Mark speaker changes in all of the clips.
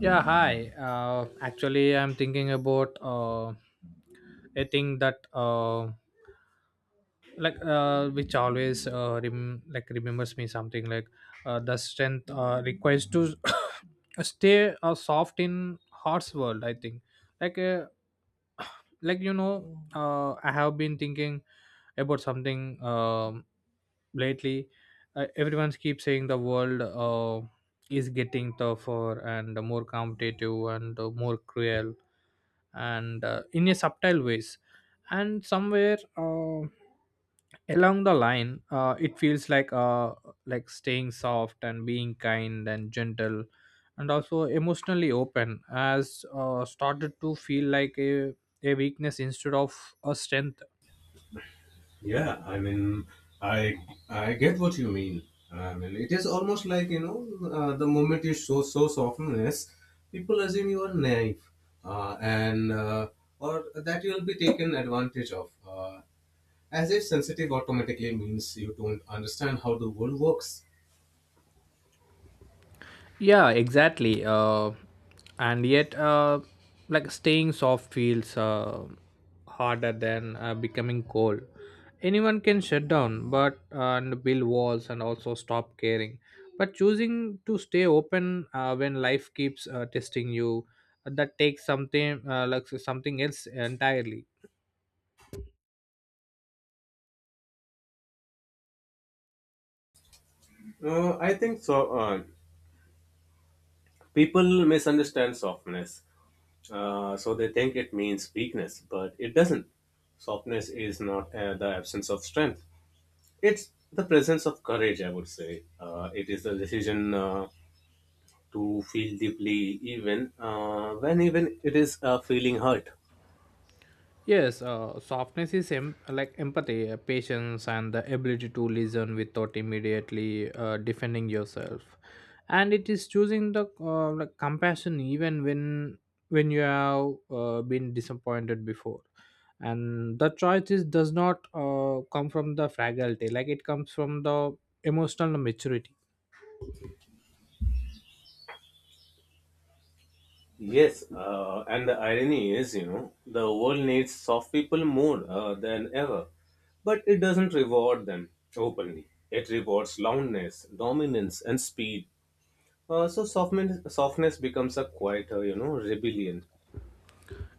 Speaker 1: Yeah, hi. Actually, I'm thinking about a thing that which always like remembers me something like the strength requires to stay soft in heart's world. I think like uh, I have been thinking about something lately. Everyone keeps saying the world is getting tougher and more competitive and more cruel and in a subtle ways, and somewhere along the line it feels like staying soft and being kind and gentle and also emotionally open has started to feel like a weakness instead of a strength.
Speaker 2: Yeah, I mean, I I get what you mean. I mean, it is almost like the moment you show softness, people assume you are naive, and or that you will be taken advantage of. As if sensitive automatically means you don't understand how the world works.
Speaker 1: Yeah, exactly. And yet, like staying soft feels harder than becoming cold. Anyone can shut down, but and build walls and also stop caring. But choosing to stay open when life keeps testing you, that takes something like something else entirely.
Speaker 2: I think so. People misunderstand softness, so they think it means weakness, but it doesn't. Softness is not the absence of strength. It's the presence of courage, I would say. It is the decision to feel deeply, even when even it is feeling hurt.
Speaker 1: Yes, softness is like empathy, patience, and the ability to listen without immediately defending yourself, and it is choosing the like compassion even when you have been disappointed before. And the choice is, does not come from the fragility, like it comes from the emotional maturity.
Speaker 2: Yes, and the irony is, you know, the world needs soft people more than ever, but it doesn't reward them openly. It rewards loudness, dominance, and speed. So softness becomes a quieter, you know, rebellion.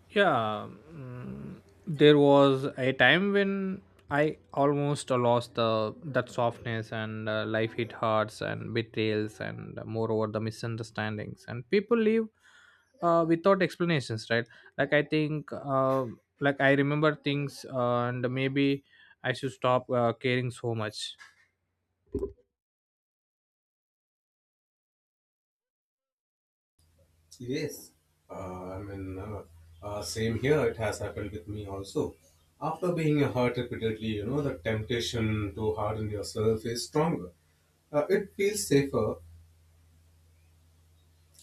Speaker 1: Yeah, there was a time when I almost lost the that softness, and life hit hearts and betrayals, and moreover the misunderstandings, and people leave without explanations, right? Like I think, like I remember things, and maybe I should stop caring so much.
Speaker 2: Yes, uh, I mean, uh, same here. It has happened with me also. After being hurt repeatedly, you know, the temptation to harden yourself is stronger. It feels safer.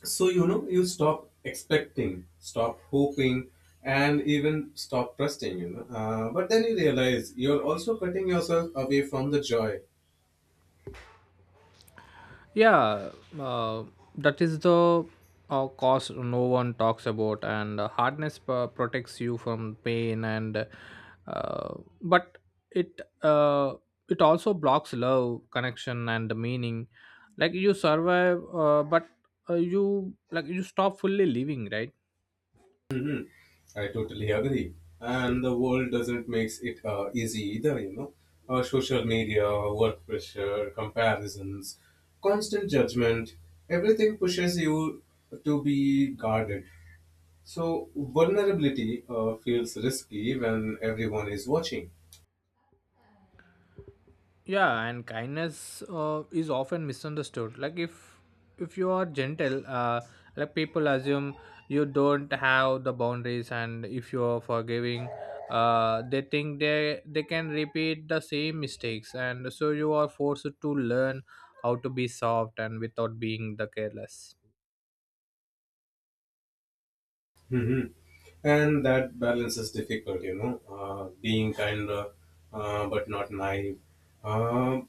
Speaker 2: So, you know, you stop expecting, stop hoping, and even stop trusting, you know. But then you realize you're also cutting yourself away from the joy.
Speaker 1: Yeah, uh, that is the cause no one talks about, and hardness protects you from pain, and uh, but it it also blocks love, connection, and the meaning. Like you survive, but you stop fully living, right?
Speaker 2: I totally agree. And the world doesn't make it easy either, you know. Social media, work pressure, comparisons, constant judgment, everything pushes you to be guarded. So, vulnerability feels risky when everyone is watching.
Speaker 1: Yeah, and kindness is often misunderstood, like if you are gentle, like people assume you don't have the boundaries, and if you are forgiving, they think they can repeat the same mistakes, and so you are forced to learn how to be soft and without being the careless.
Speaker 2: Hmm. And that balance is difficult, you know, being kind but not naive, uh,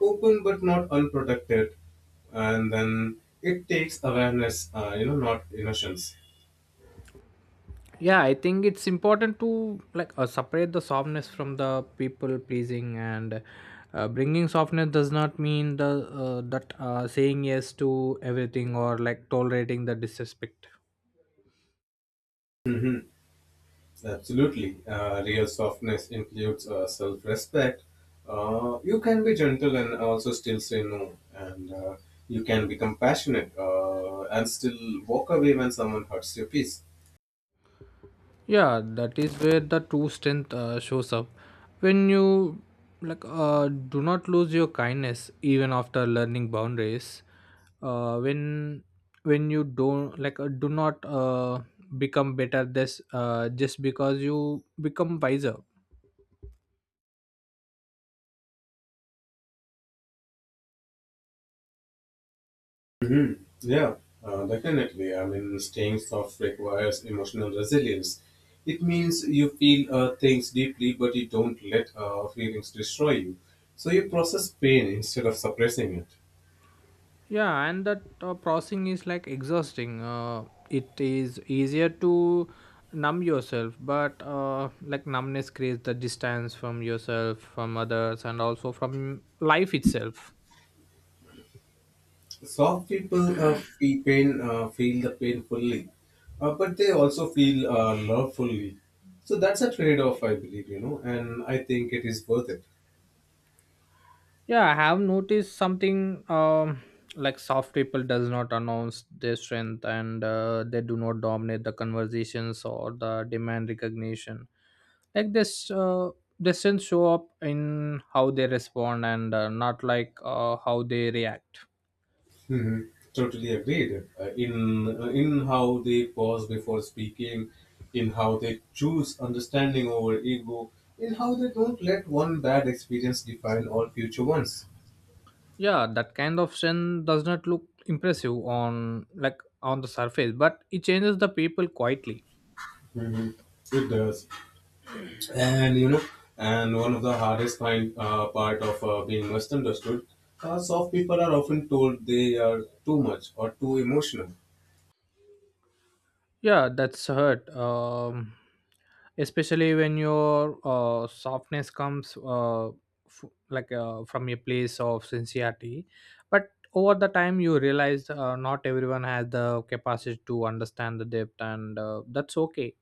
Speaker 2: open but not unprotected. And then it takes awareness, you know, not innocence.
Speaker 1: Yeah, I think it's important to, like, separate the softness from the people pleasing, and bringing softness does not mean the that saying yes to everything or like tolerating the disrespect.
Speaker 2: Hmm. Absolutely. Real softness includes self respect. You can be gentle and also still say no. And you can be compassionate and still walk away when someone hurts your peace.
Speaker 1: Yeah, that is where the true strength shows up when you, like, do not lose your kindness even after learning boundaries, uh, when when you don't, like, do not, become better this, just because you become wiser.
Speaker 2: Hmm. Yeah, definitely. I mean, staying soft requires emotional resilience. It means you feel things deeply, but you don't let feelings destroy you. So you process pain instead of suppressing it.
Speaker 1: Yeah, and that processing is like exhausting. It is easier to numb yourself, but, like numbness creates the distance from yourself, from others, and also from life itself.
Speaker 2: Soft people feel the pain fully, but they also feel love fully. So that's a trade-off, I believe, you know, and I think it is worth it.
Speaker 1: Yeah, I have noticed something, like soft people does not announce their strength, and they do not dominate the conversations or the demand recognition, like this, distance show up in how they respond, and not, how they react.
Speaker 2: Hmm. Totally agreed. In in how they pause before speaking, in how they choose understanding over ego, in how they don't let one bad experience define all future ones.
Speaker 1: Yeah, that kind of sin does not look impressive on, like, on the surface, but it changes the people quietly.
Speaker 2: Hmm. It does, and you know, and one of the hardest kind part of being misunderstood, soft people are often told they are too much or too emotional.
Speaker 1: Yeah, that's hurt. Especially when your softness comes like from a place of sincerity. But over the time, you realize not everyone has the capacity to understand the depth, and that's okay.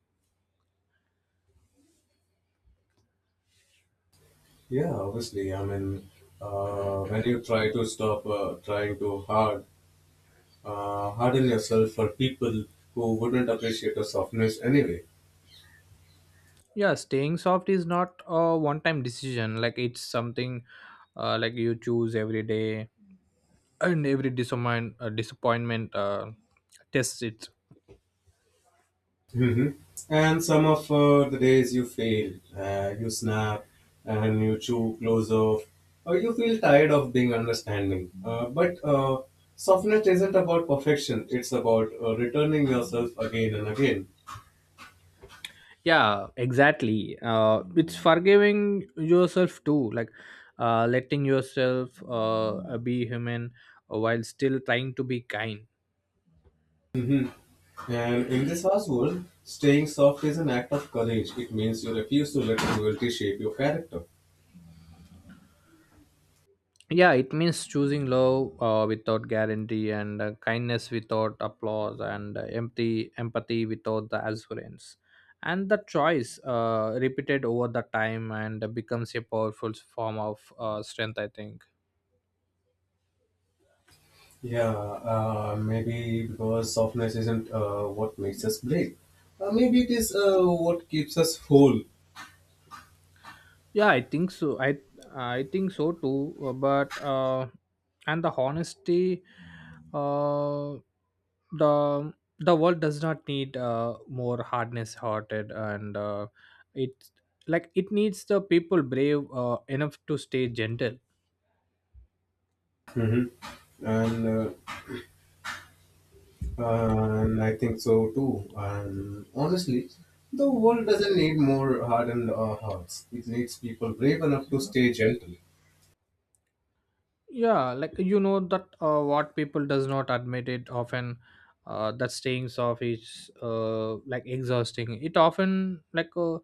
Speaker 2: Yeah, obviously. I mean, when you try to stop trying too hard harden yourself for people who wouldn't appreciate your softness anyway.
Speaker 1: Yeah, staying soft is not a one-time decision. Like it's something, like you choose every day, and every disappointment tests it.
Speaker 2: Hmm. And some of the days you fail, you snap, and you chew close off, or you feel tired of being understanding. But softness isn't about perfection; it's about returning yourself again and again.
Speaker 1: Yeah, exactly. It's forgiving yourself too, like, letting yourself be human while still trying to be kind.
Speaker 2: Hmm. And in this household, staying soft is an act of courage. It means you refuse to let cruelty shape your character.
Speaker 1: Yeah, it means choosing love without guarantee, and kindness without applause, and empty empathy without the assurance. And the choice, repeated over the time and becomes a powerful form of strength, I think.
Speaker 2: Yeah, maybe because softness isn't what makes us brave. Maybe it is what keeps us whole.
Speaker 1: Yeah, I think so. I think so too. But and the honesty, uh, the the world does not need more hardness hearted, and it, it needs the people brave enough to stay gentle.
Speaker 2: Hmm. And and I think so too. And honestly, the world doesn't need more hardened hearts. It needs people brave enough to stay gentle.
Speaker 1: Yeah, like you know that what people does not admit it often, that staying soft is, like, exhausting it often, like uh,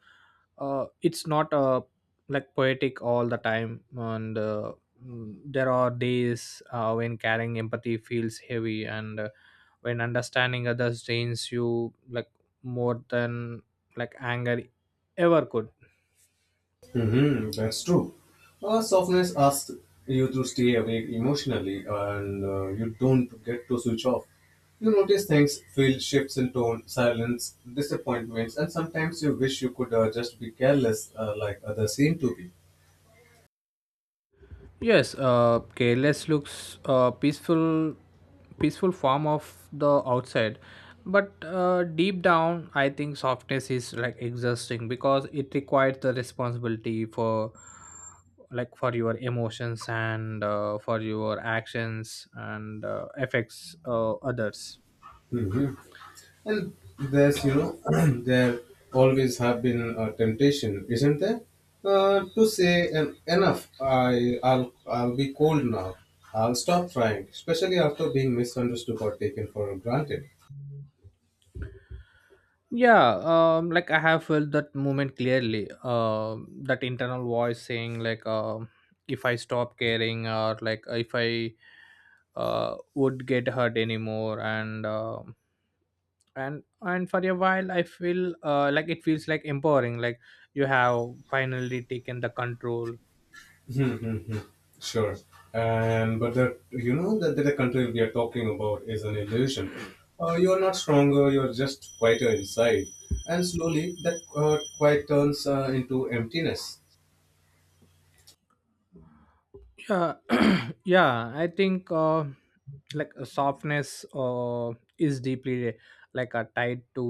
Speaker 1: uh, it's not, like, poetic all the time. And there are days when carrying empathy feels heavy, and when understanding others drains you, like, more than like anger ever could.
Speaker 2: Mm-hmm, that's true. Softness asks you to stay awake emotionally and you don't get to switch off. You notice things, feel shifts in tone, silence, disappointments, and sometimes you wish you could just be careless like others seem to be.
Speaker 1: Yes, careless looks peaceful form of the outside, but, deep down, I think softness is like exhausting because it requires the responsibility for, like, for your emotions, and for your actions, and affects others.
Speaker 2: Mhm. And there's, you know, there always have been a temptation, isn't there, to say enough. I'll be cold now. I'll stop trying, especially after being misunderstood or taken for granted.
Speaker 1: Yeah, like I have felt that moment clearly. That internal voice saying, like, if I stop caring, or like if I would get hurt anymore. And for a while I feel, like it feels like empowering, like you have finally taken the control.
Speaker 2: Mm-hmm. Sure. And but the you know that the country we are talking about is an illusion. You are not stronger. You are just quieter inside, and slowly that quiet turns into emptiness.
Speaker 1: Yeah. Yeah, I think, softness is deeply, tied to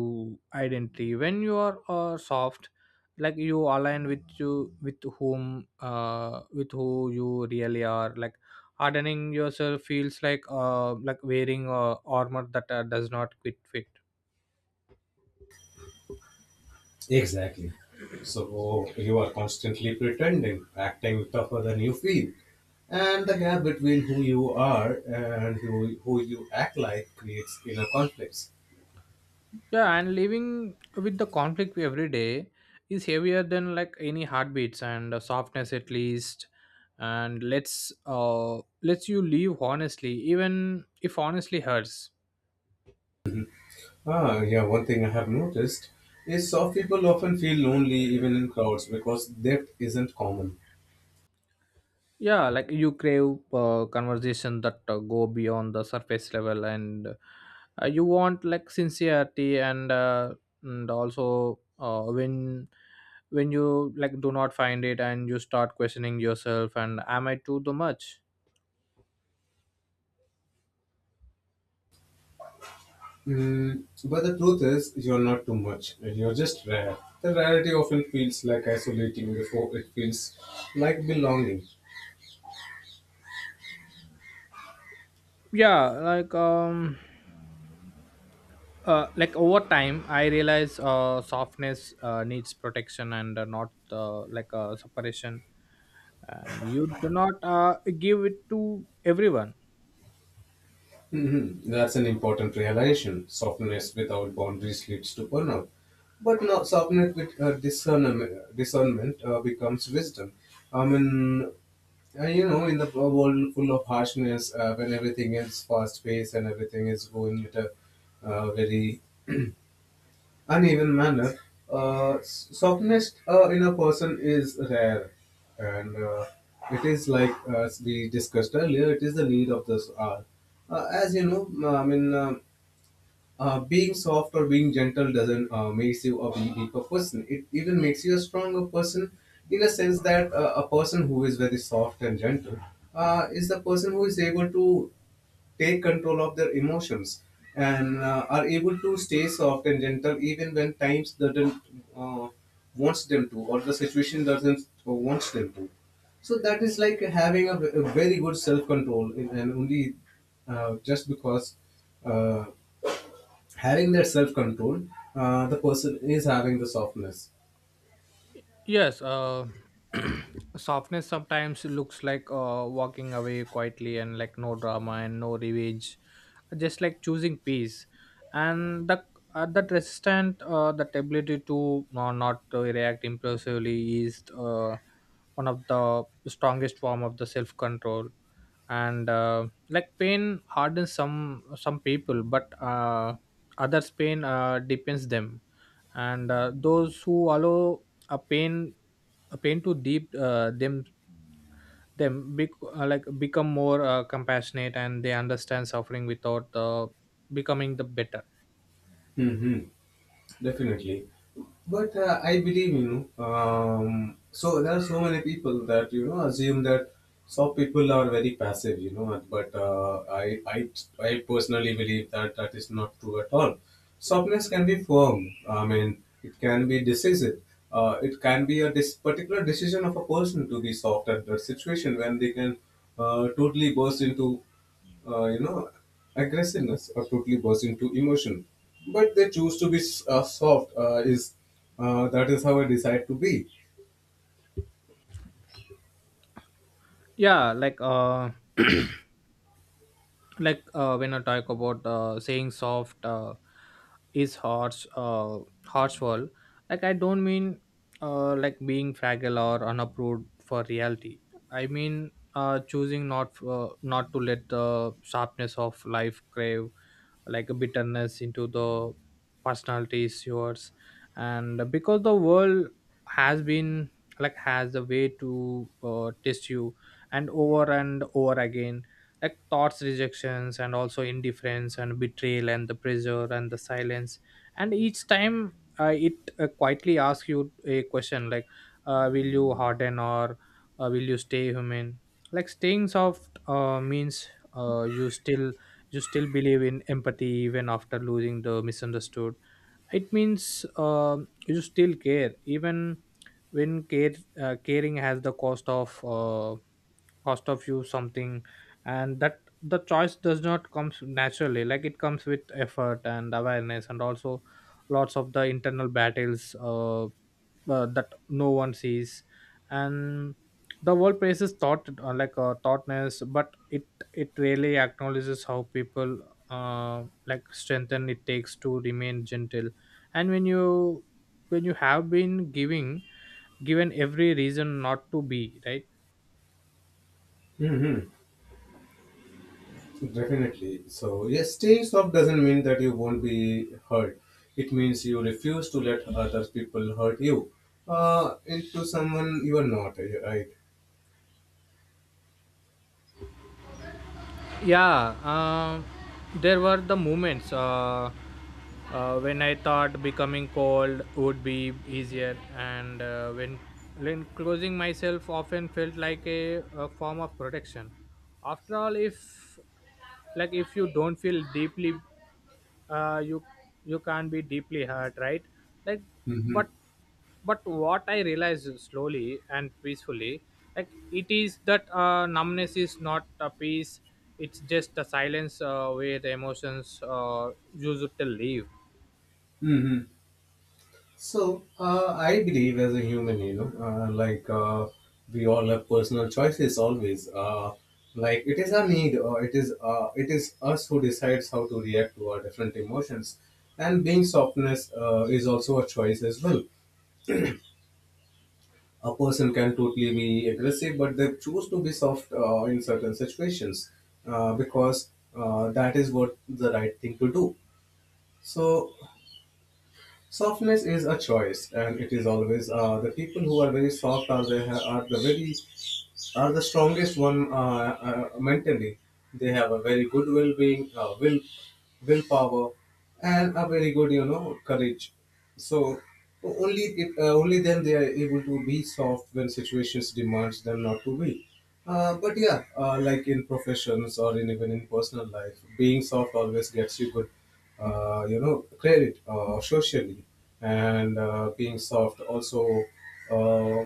Speaker 1: identity. When you are soft, like you align with you, with who you really are. Like hardening yourself feels like, like wearing armor that does not quit fit.
Speaker 2: Exactly. So you are constantly pretending, acting tougher than you feel. And the gap between who you are and who you act like creates inner conflicts.
Speaker 1: Yeah, and living with the conflict every day is heavier than, like, any heartbeats, and softness at least. And let's lets you live honestly, even if honestly hurts.
Speaker 2: Ah, yeah, one thing I have noticed is soft people often feel lonely even in crowds because depth isn't common.
Speaker 1: Yeah, like you crave conversation that go beyond the surface level, and you want, like, sincerity, and also when you, like, do not find it, and you start questioning yourself, and am I too much?
Speaker 2: Mm, but the truth is, you're not too much, you're just rare. The rarity often feels like isolating before it feels like belonging.
Speaker 1: Yeah, like over time I realize softness needs protection, and not, separation. And you do not give it to everyone.
Speaker 2: Mhm. That's an important realization. Softness without boundaries leads to burnout. But now, softness with discernment becomes wisdom. I mean, you know, in the world full of harshness, when everything is fast paced and everything is going at a very uneven manner. Softness in a person is rare, and it is like as we discussed earlier, it is the need of this hour. As you know, I mean. Being soft or being gentle doesn't makes you a weaker person. It even makes you a stronger person in a sense that a person who is very soft and gentle is the person who is able to take control of their emotions and are able to stay soft and gentle even when times doesn't uh, wants them to or the situation doesn't wants them to. So that is like having a very good self control, and only just because uh, having that self control, the person is having the softness.
Speaker 1: Yes, softness sometimes looks like walking away quietly, and like no drama and no revenge, just like choosing peace. And the that resistant, that ability to not react impulsively is one of the strongest form of the self control. And like pain hardens some people, but, others pain depends them. And those who allow a pain a pain to deep them, like become more compassionate, and they understand suffering without becoming the better.
Speaker 2: Hmm. Definitely. But I believe, you know, so there are so many people that, you know, assume that soft people are very passive, you know, but I personally believe that that is not true at all. Softness can be firm. I mean, it can be decisive. It can be a particular decision of a person to be soft at that situation when they can totally burst into you know, aggressiveness or totally burst into emotion. But they choose to be soft. Is That is how I decide to be.
Speaker 1: Yeah, when I talk about saying soft is harshful. Like I don't mean like being fragile or unapproved for reality. I mean choosing not to let the sharpness of life crave, like, a bitterness into the personality issues. And because the world has been, like, has a way to test you, and over again, like thoughts, rejections, and also indifference, and betrayal and the pressure and the silence. And each time it quietly asks you a question, like, will you harden, or will you stay human. Like staying soft means, uh, you still you still believe in empathy even after losing the misunderstood. It means, you still care even when care caring has the cost of, you something. And that the choice does not comes naturally, like it comes with effort and awareness, and also lots of the internal battles, that no one sees. And the world praises thought, thoughtness, but it really acknowledges how people, like strengthen it takes to remain gentle, and when you have been giving given every reason not to be right.
Speaker 2: Hmm. Definitely. So yes, staying soft doesn't mean that you won't be hurt. It means you refuse to let other people hurt you. Into someone you are not, right?
Speaker 1: Yeah, there were the moments, when I thought becoming cold would be easier, and when closing myself often felt like a form of protection. After all, if like if you don't feel deeply, uh, you you can be deeply hurt, right? Like, but
Speaker 2: Mm-hmm.
Speaker 1: but what I realized slowly and peacefully, like, it is that numbness is not a peace. It's just a silence where the emotions used to live.
Speaker 2: Mm-hmm. So I believe as a human, you know, we all have personal choices always. Like it is our need, or it is us who decides how to react to our different emotions. And being softness is also a choice as well. A person can totally be aggressive, but they choose to be soft in certain situations because that is what the right thing to do. So softness is a choice, and it is always the people who are very soft are the very are the strongest one mentally. They have a very good well-being, willpower, and a very good you know courage. So only it only then they are able to be soft when situations demands them not to be. But yeah, like in professions or in, even in personal life, being soft always gets you good you know, credit socially and being soft also uh,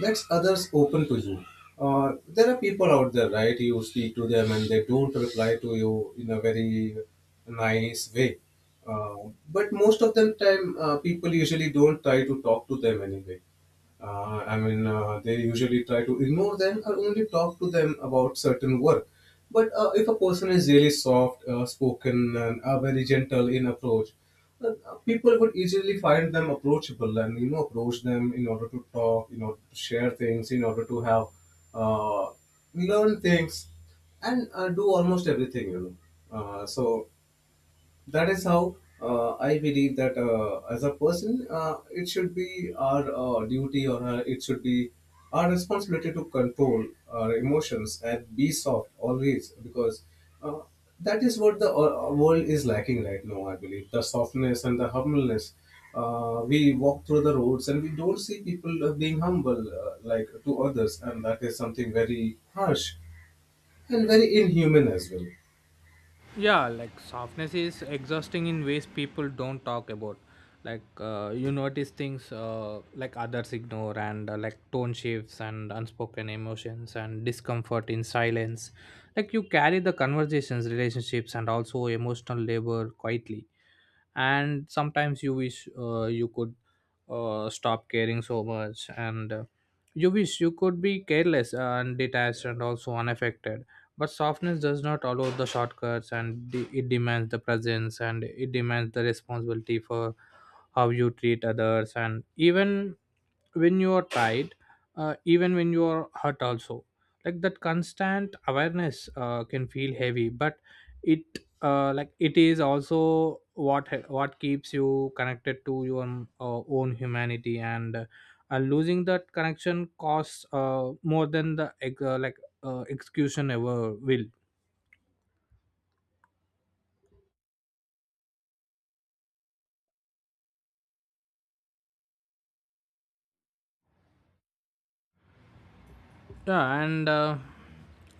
Speaker 2: lets others open to you. There are people out there, right? You speak to them and they don't reply to you in a very nice way. Uh, but most of the time, people usually don't try to talk to them anyway. I mean, they usually try to ignore them or only talk to them about certain work. But if a person is really soft spoken and very gentle in approach, uh, people would easily find them approachable and you know approach them in order to talk, in order to share things, in order to have uh, learn things, and do almost everything you know. So that is how I believe that as a person, it should be our duty or our, it should be our responsibility to control our emotions and be soft always because uh, that is what the world is lacking right now, I believe. The softness and the humbleness. We walk through the roads and we don't see people being humble like to others, and that is something very harsh and very inhuman as well.
Speaker 1: Yeah, like softness is exhausting in ways people don't talk about. Like you notice things, like others ignore, and like tone shifts and unspoken emotions and discomfort in silence. Like you carry the conversations, relationships, and also emotional labor quietly. And sometimes you wish you could stop caring so much, and you wish you could be careless and detached and also unaffected. But softness does not allow the shortcuts, and it demands the presence, and it demands the responsibility for how you treat others, and even when you are tired, even when you are hurt also. Like that constant awareness can feel heavy, but it Like it is also what keeps you connected to your own humanity, and losing that connection costs more than the execution ever will. Yeah, and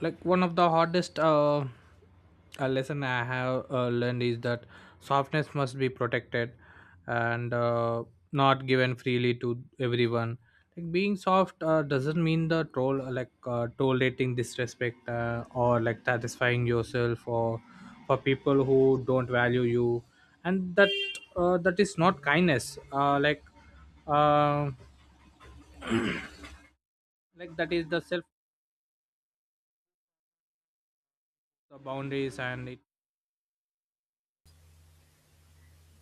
Speaker 1: like one of the hardest lesson I have learned is that softness must be protected, and not given freely to everyone. Like being soft doesn't mean the troll, tolerating disrespect, or like satisfying yourself or for people who don't value you. And that, that is not kindness. Uh, like uh, like that is the self, the boundaries, and it.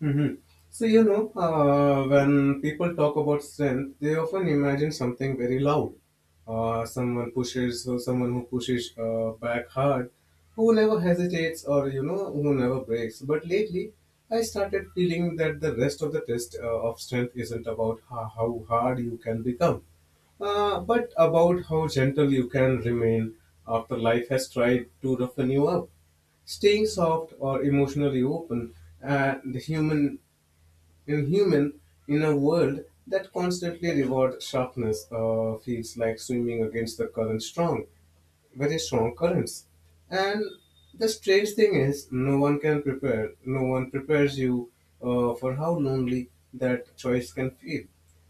Speaker 2: Hmm. So, you know, when people talk about strength, they often imagine something very loud. Someone who pushes back hard, who never hesitates or, you know, who never breaks. But lately, I started feeling that the rest of the test of strength isn't about how hard you can become, but about how gentle you can remain after life has tried to roughen you up. Staying soft or emotionally open, the human in human, in a world that constantly rewards sharpness, feels like swimming against the current strong, very strong currents. And the strange thing is, no one can prepare. No one prepares you for how lonely that choice can feel.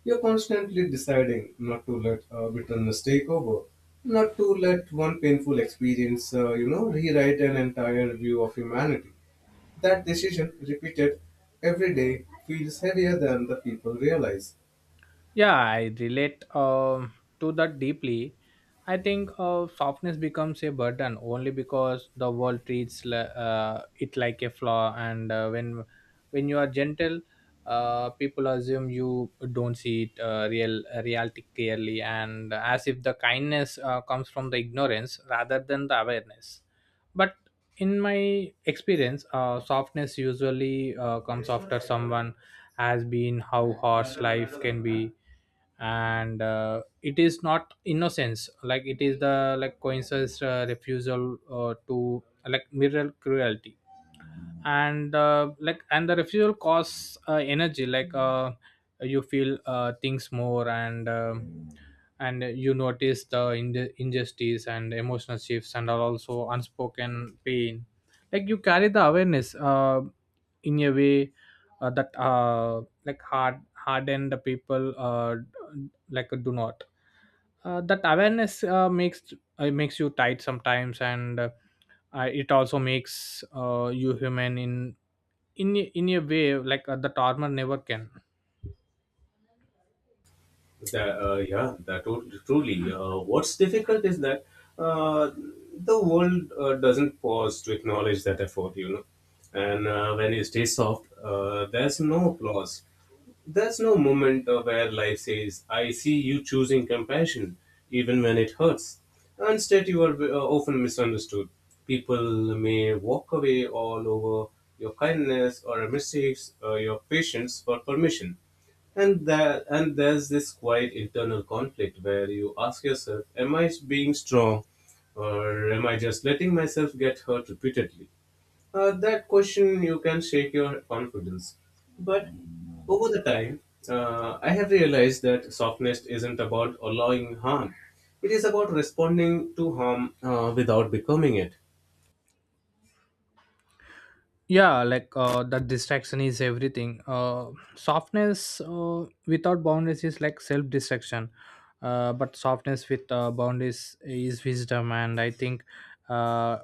Speaker 2: You're constantly deciding not to let bitterness take over, not to let one painful experience, you know, rewrite an entire view of humanity. That decision, repeated every day, feels heavier than the people realize.
Speaker 1: Yeah, I relate to that deeply. I think softness becomes a burden only because the world treats it like a flaw. And when you are gentle, people assume you don't see it, reality clearly, and as if the kindness comes from the ignorance rather than the awareness. But in my experience, softness usually comes after someone has been how harsh life can be. And it is not innocence, like it is the like coincidence, refusal, to like mirror cruelty. And and the refusal costs energy. Like you feel things more. And and you notice the injustice, and emotional shifts, and are also unspoken pain. Like you carry the awareness in a way that, like hardened people like do not. That awareness makes you tight sometimes. And it also makes you human in a way, like the armor never can.
Speaker 2: Yeah, that truly. What's difficult is that uh, the world doesn't pause to acknowledge that effort, you know. And when you stay soft, there's no applause. There's no moment where life says, I see you choosing compassion, even when it hurts. Instead, you are often misunderstood. People may walk away all over your kindness or mistakes or your patience for permission. And there's this quiet internal conflict where you ask yourself, am I being strong or am I just letting myself get hurt repeatedly? That question you can shake your confidence. But over the time, I have realized that softness isn't about allowing harm. It is about responding to harm without becoming it.
Speaker 1: Yeah, like that distraction is everything. Softness without boundaries is like self distraction, but softness with boundaries is wisdom. And I think, uh,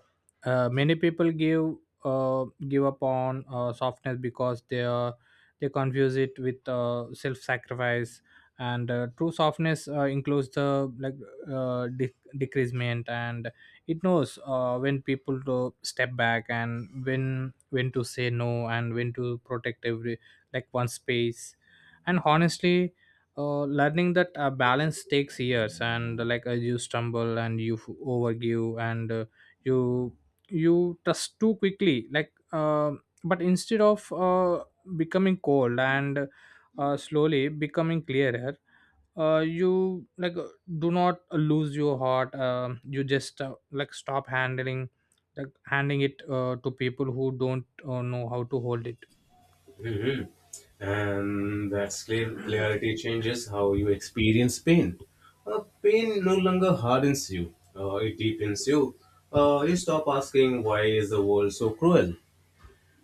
Speaker 1: many people give, give up on softness because they are, they confuse it with self sacrifice. And true softness includes the like, decreasement. And it knows when people to step back, and when to say no, and when to protect every like one space. And honestly, learning that balance takes years. And you stumble and you overgive, and you, you trust too quickly. Like but instead of becoming cold and slowly becoming clearer, you do not lose your heart. You just stop handling, like handing it to people who don't know how to hold it.
Speaker 2: Hmm. And that clarity changes how you experience pain. Pain no longer hardens you, it deepens you. You stop asking, why is the world so cruel?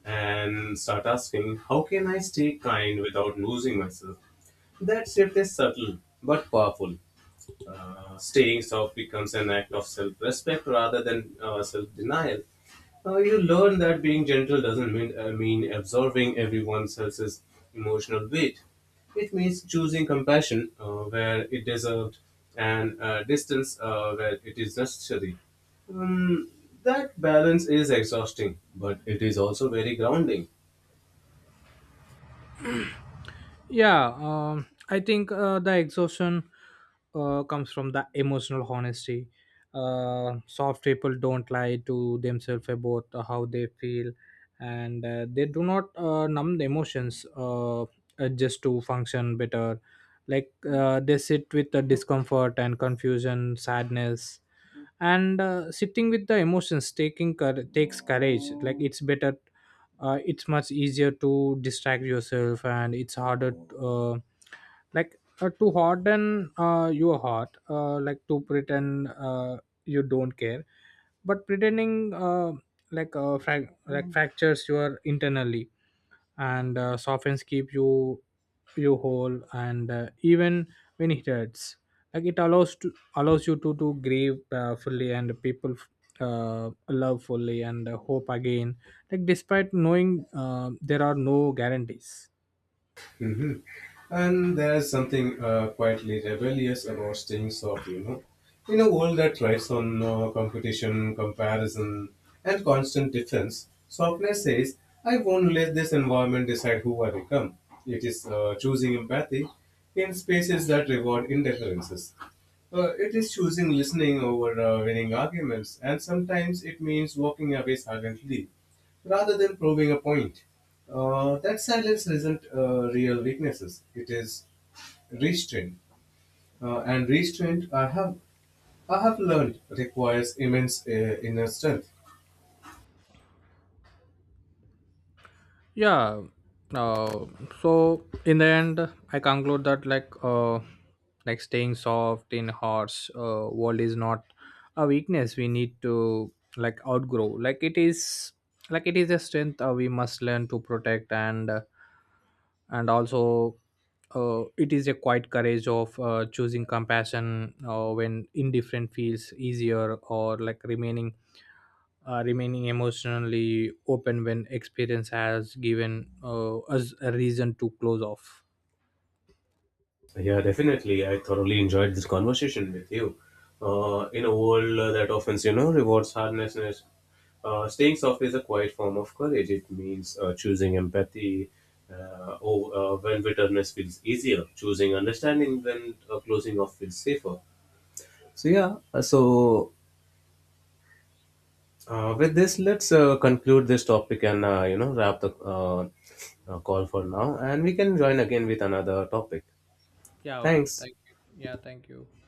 Speaker 2: And start asking, how can I stay kind without losing myself? That shift is subtle but powerful. Staying soft becomes an act of self respect rather than self denial. You learn that being gentle doesn't mean absorbing everyone else's emotional weight. It means choosing compassion where it deserved and distance where it is necessary. Um, that balance is exhausting, but it is also very grounding.
Speaker 1: Yeah, I think the exhaustion comes from the emotional honesty. Soft people don't lie to themselves about how they feel, and they do not numb the emotions, just to function better. Like they sit with the discomfort and confusion, sadness, and sitting with the emotions, takes courage. Like it's better, it's much easier to distract yourself, and it's harder, uh, to harden your heart, like to pretend, you don't care. But pretending, fractures your internally. And softens keep you, you whole. And even when it hurts, like it allows you to grieve fully, and people love fully, and hope again, like despite knowing there are no guarantees.
Speaker 2: And there's something quietly rebellious about staying soft, you know. In a world that thrives on competition, comparison, and constant difference, softness says, I won't let this environment decide who I become. It is choosing empathy in spaces that reward indifferences. It is choosing listening over winning arguments, and sometimes it means walking away silently rather than proving a point. That silence isn't real weaknesses; it is restraint. And restraint, I have learned, requires immense inner strength.
Speaker 1: Yeah, uh, so in the end I conclude that, like staying soft in harsh world is not a weakness we need to like outgrow. Like it is, like it is a strength we must learn to protect. And and also, it is a quiet courage of choosing compassion when indifferent feels easier, or like remaining emotionally open when experience has given us a reason to close off.
Speaker 2: Yeah, definitely. I thoroughly enjoyed this conversation with you. In a world that often, you know, rewards hardness, staying soft is a quiet form of courage. It means choosing empathy oh, when bitterness feels easier, choosing understanding when closing off feels safer. So yeah, with this, let's conclude this topic and you know wrap the call for now, and we can join again with another topic.
Speaker 1: Yeah, okay,
Speaker 2: Thanks.
Speaker 1: thank you. Yeah, thank you.